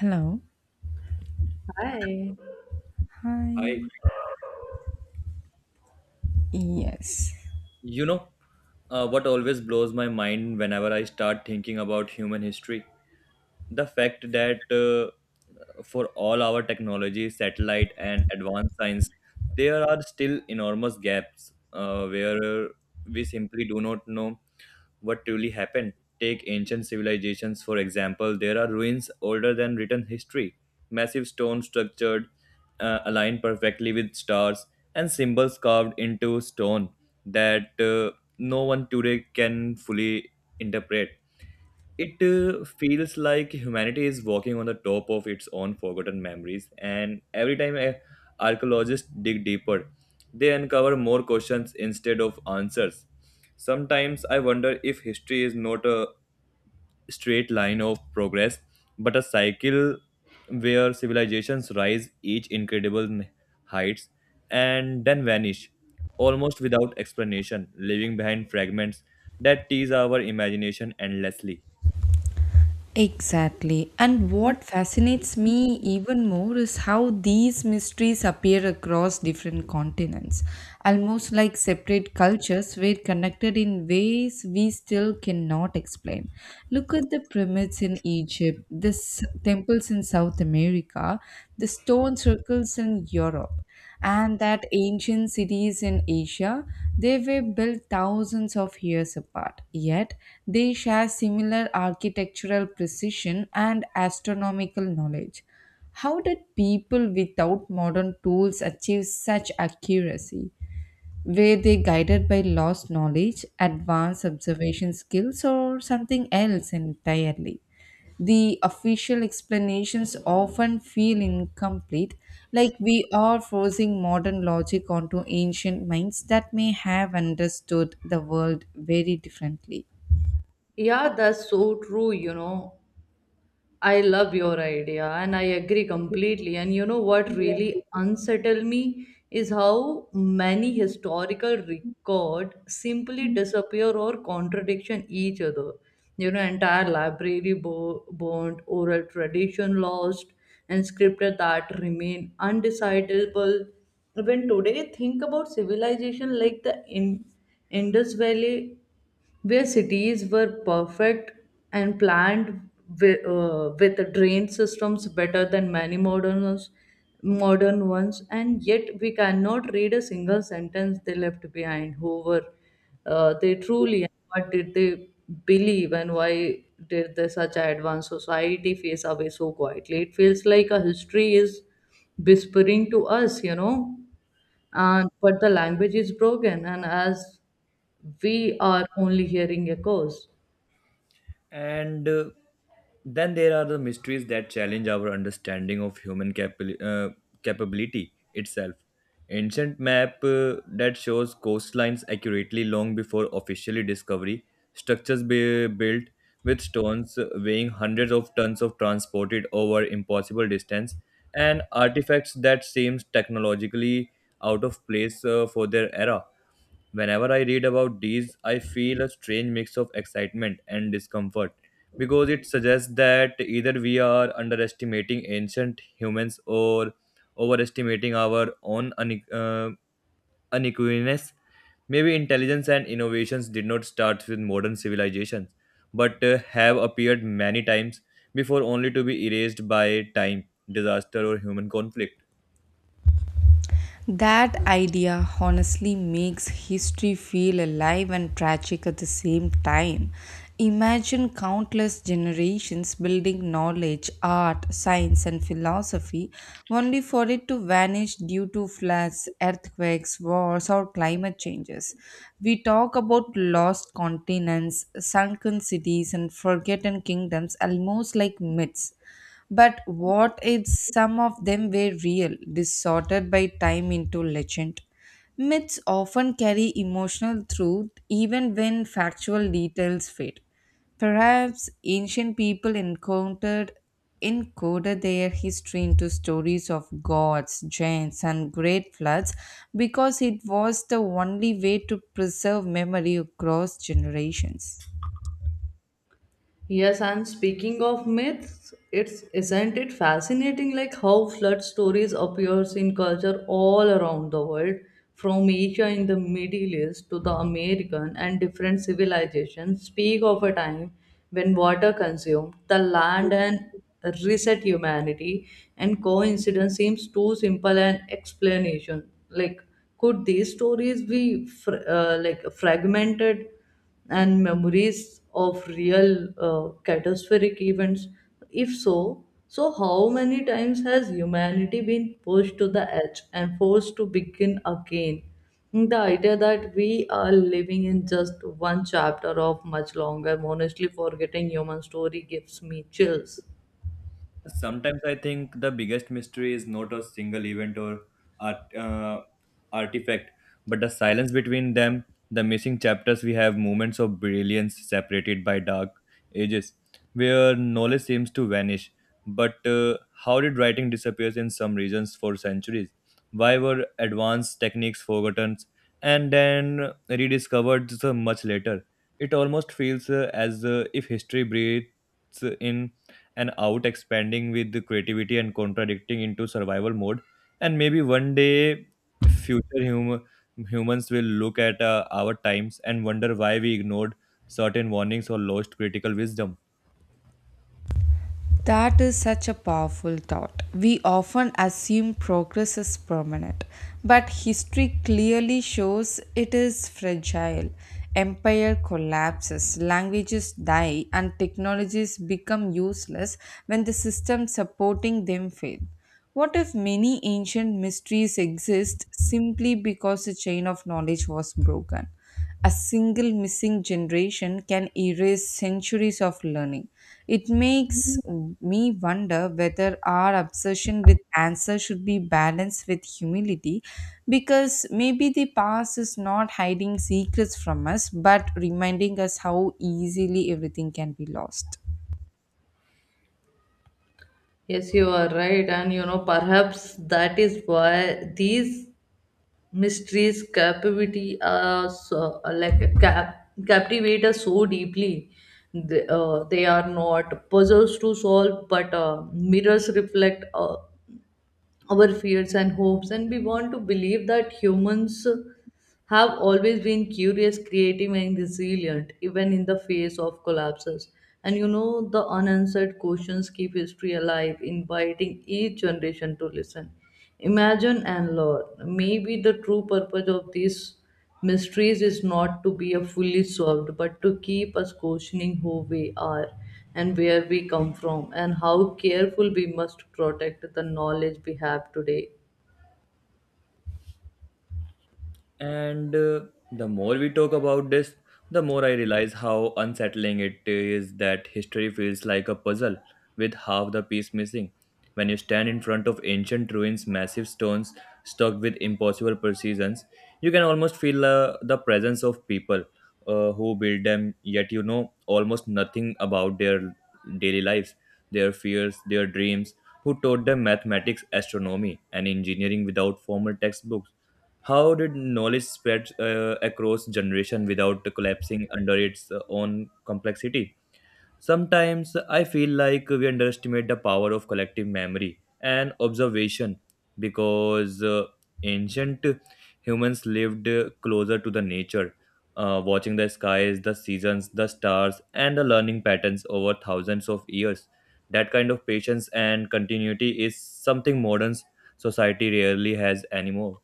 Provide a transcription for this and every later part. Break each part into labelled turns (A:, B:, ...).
A: Hello.
B: Hi.
A: Hi.
C: I,
A: Yes.
C: you know, what always blows my mind whenever I start thinking about human history? The fact that for all our technology, satellite, and advanced science, there are still enormous gaps where we simply do not know what truly happened. Take ancient civilizations, for example, there are ruins older than written history, massive stone structured, aligned perfectly with stars, and symbols carved into stone that no one today can fully interpret. It feels like humanity is walking on the top of its own forgotten memories, and every time archaeologists dig deeper, they uncover more questions instead of answers. Sometimes I wonder if history is not a straight line of progress, but a cycle where civilizations rise each incredible heights and then vanish, almost without explanation, leaving behind fragments that tease our imagination endlessly.
A: Exactly. And what fascinates me even more is how these mysteries appear across different continents, almost like separate cultures were connected in ways we still cannot explain. Look at the pyramids in Egypt, the temples in South America, the stone circles in Europe, and that ancient cities in Asia. They were built thousands of years apart, yet they share similar architectural precision and astronomical knowledge. How did people without modern tools achieve such accuracy? Were they guided by lost knowledge, advanced observation skills, or something else entirely? The official explanations often feel incomplete, like we are forcing modern logic onto ancient minds that may have understood the world very differently.
B: Yeah, that's so true, you know. I love your idea and I agree completely. And you know what really unsettled me is how many historical record simply disappear or contradiction each other. You know, entire library burned, oral tradition lost, and scripted that remain undecidable. When today think about civilization like the Indus Valley where cities were perfect and planned with drain systems better than many modern ones, and yet we cannot read a single sentence they left behind. Who were they truly? And what did they believe? And why did the such advanced society face away so quietly? It feels like a history is whispering to us, you know, and but the language is broken and as we are only hearing echoes.
C: And Then there are the mysteries that challenge our understanding of human capability itself. Ancient map that shows coastlines accurately long before officially discovery, structures built with stones weighing hundreds of tons of transported over impossible distance, and artifacts that seems technologically out of place for their era. Whenever I read about these, I feel a strange mix of excitement and discomfort because it suggests that either we are underestimating ancient humans or overestimating our own unequiness. Maybe intelligence and innovations did not start with modern civilizations but have appeared many times before only to be erased by time, disaster, or human conflict.
A: That idea honestly makes history feel alive and tragic at the same time. Imagine countless generations building knowledge, art, science, and philosophy, only for it to vanish due to floods, earthquakes, wars, or climate changes. We talk about lost continents, sunken cities, and forgotten kingdoms almost like myths. But what if some of them were real, distorted by time into legend? Myths often carry emotional truth even when factual details fade. Perhaps ancient people encountered encoded their history into stories of gods, giants, and great floods because it was the only way to preserve memory across generations.
B: Yes, and speaking of myths, it's isn't it fascinating like how flood stories appears in culture all around the world, from Asia in the Middle East to the American, and different civilizations speak of a time when water consumed the land and reset humanity, and coincidence seems too simple an explanation. Like could these stories be like fragmented and memories of real catastrophic events? If so, so how many times has humanity been pushed to the edge and forced to begin again? The idea that we are living in just one chapter of much longer, honestly forgetting human story gives me chills.
C: Sometimes I think the biggest mystery is not a single event or a, uh, artifact, but the silence between them, the missing chapters, we have moments of brilliance separated by dark ages, where knowledge seems to vanish. But how did writing disappear in some regions for centuries? Why were advanced techniques forgotten and then rediscovered so much later? It almost feels as if history breathes in and out, expanding with the creativity and contradicting into survival mode, and maybe one day future humans will look at our times and wonder why we ignored certain warnings or lost critical wisdom.
A: That is such a powerful thought. We often assume progress is permanent, but history clearly shows it is fragile. Empire collapses, languages die, and technologies become useless when the system supporting them fail. What if many ancient mysteries exist simply because the chain of knowledge was broken? A single missing generation can erase centuries of learning. It makes me wonder whether our obsession with answer should be balanced with humility, because maybe the past is not hiding secrets from us but reminding us how easily everything can be lost.
B: Yes, you are right, and you know, perhaps that is why these mysteries captivity captivate us so deeply. They are not puzzles to solve but mirrors reflect our fears and hopes, and we want to believe that humans have always been curious, creative, and resilient even in the face of collapses. And you know, the unanswered questions keep history alive, inviting each generation to listen, imagine, and learn. Maybe the true purpose of this mysteries is not to be a fully solved, but to keep us questioning who we are and where we come from, and how careful we must protect the knowledge we have today.
C: And The more we talk about this, the more I realize how unsettling it is that history feels like a puzzle with half the piece missing. When you stand in front of ancient ruins, massive stones stuck with impossible precisions, you can almost feel the presence of people who built them, yet you know almost nothing about their daily lives, their fears, their dreams, who taught them mathematics, astronomy, and engineering without formal textbooks. How did knowledge spread across generation without collapsing under its own complexity? Sometimes I feel like we underestimate the power of collective memory and observation because ancient humans lived closer to the nature, watching the skies, the seasons, the stars, and the learning patterns over thousands of years. That kind of patience and continuity is something modern society rarely has anymore.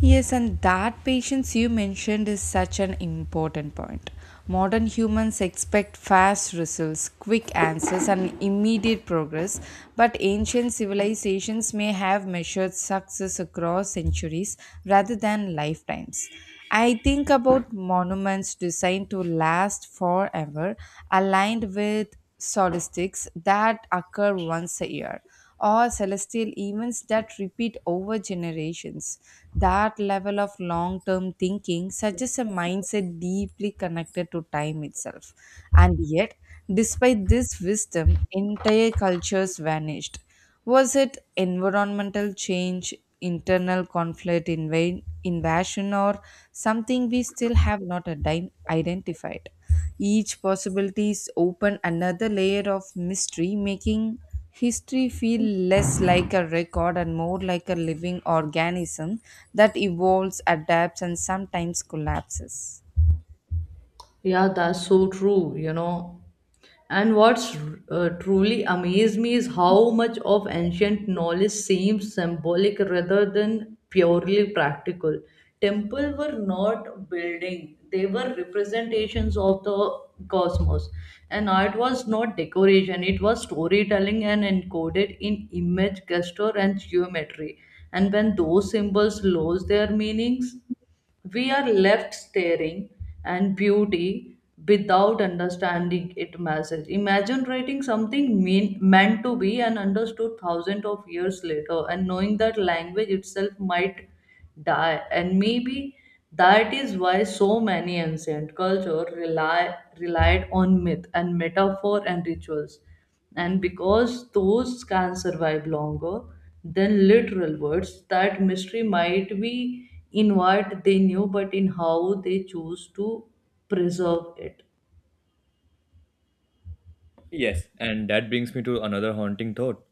A: Yes, and that patience you mentioned is such an important point. Modern humans expect fast results, quick answers, and immediate progress, but ancient civilizations may have measured success across centuries rather than lifetimes. I think about monuments designed to last forever, aligned with solstices that occur once a year or celestial events that repeat over generations. That level of long term thinking suggests a mindset deeply connected to time itself. And yet, despite this wisdom, entire cultures vanished. Was it environmental change, internal conflict, invasion, or something we still have not identified? Each possibility is open another layer of mystery, making history feel less like a record and more like a living organism that evolves, adapts, and sometimes collapses.
B: Yeah, that's so true, you know. And what's truly amazed me is how much of ancient knowledge seems symbolic rather than purely practical. Temples were not building, they were representations of the cosmos. And art was not decoration, it was storytelling and encoded in image, gesture, and geometry. And when those symbols lose their meanings, we are left staring and beauty without understanding it message. Imagine writing something meant to be and understood thousands of years later and knowing that language itself might die. And maybe that is why so many ancient culture relied on myth and metaphor and rituals, and because those can survive longer than literal words, that mystery might be in what they knew, but in how they choose to preserve it.
C: Yes, and that brings me to another haunting thought.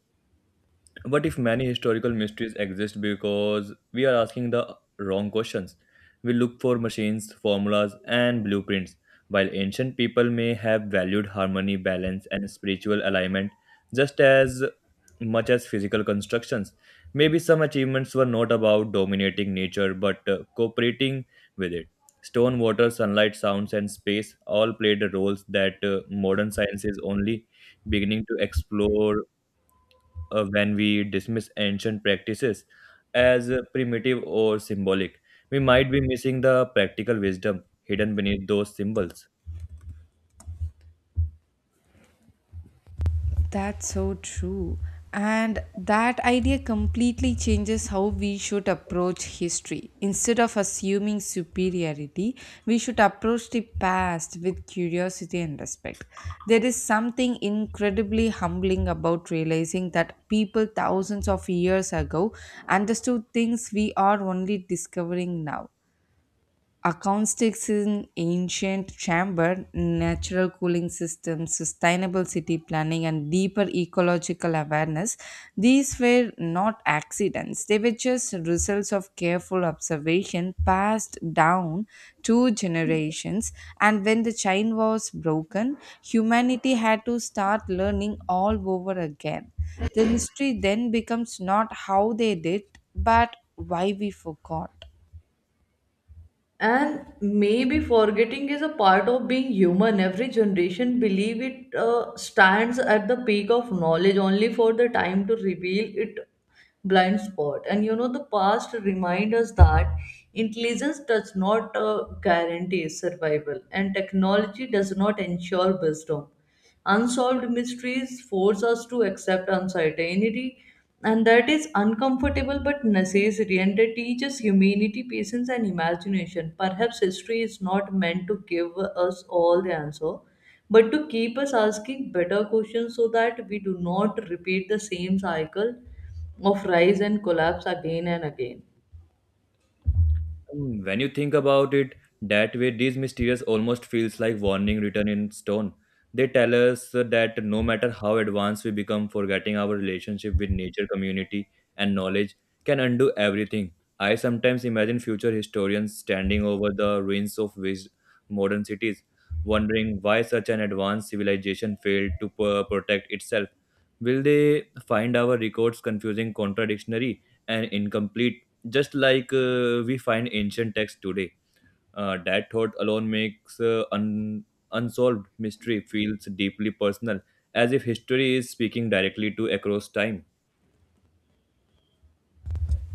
C: What if many historical mysteries exist because we are asking the wrong questions? We look for machines, formulas, and blueprints, while ancient people may have valued harmony, balance, and spiritual alignment just as much as physical constructions. Maybe some achievements were not about dominating nature but cooperating with it. Stone, water, sunlight, sounds, and space all played roles that modern science is only beginning to explore. When we dismiss ancient practices as primitive or symbolic, we might be missing the practical wisdom hidden beneath those symbols.
A: That's so true. And that idea completely changes how we should approach history. Instead of assuming superiority, we should approach the past with curiosity and respect. There is something incredibly humbling about realizing that people thousands of years ago understood things we are only discovering now: acoustics in ancient chamber, natural cooling systems, sustainable city planning, and deeper ecological awareness. These were not accidents, they were just results of careful observation passed down two generations. And when the chain was broken, humanity had to start learning all over again. The mystery then becomes not how they did, but why we forgot.
B: And maybe forgetting is a part of being human. Every generation believe it stands at the peak of knowledge only for the time to reveal it blind spot. And you know, the past remind us that intelligence does not guarantee survival, and technology does not ensure wisdom. Unsolved mysteries force us to accept uncertainty, and that is uncomfortable but necessary. And they teach us humanity, patience, and imagination. Perhaps history is not meant to give us all the answer, but to keep us asking better questions so that we do not repeat the same cycle of rise and collapse again and again.
C: Mm, when you think about it that way, these mysterious almost feels like warning written in stone. They tell us that no matter how advanced we become, forgetting our relationship with nature, community, and knowledge can undo everything. I sometimes imagine future historians standing over the ruins of modern cities, wondering why such an advanced civilization failed to protect itself. Will they find our records confusing, contradictory, and incomplete, just like we find ancient texts today? That thought alone makes unsolved mystery feels deeply personal, as if history is speaking directly to across time.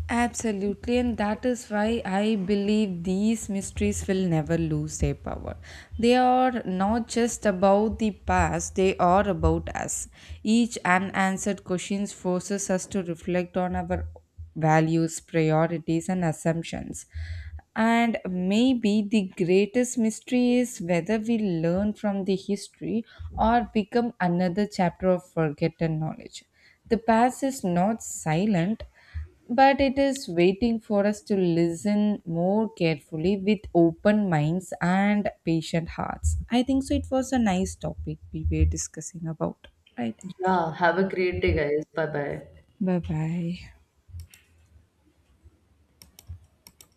A: Absolutely, and that is why I believe these mysteries will never lose their power. They are not just about the past, they are about us. Each unanswered question forces us to reflect on our values, priorities, and assumptions. And maybe the greatest mystery is whether we learn from the history or become another chapter of forgotten knowledge. The past is not silent, but it is waiting for us to listen more carefully with open minds and patient hearts. I think so. It was a nice topic we were discussing about, right?
B: Yeah, have a great day, guys. Bye bye.
A: Bye bye.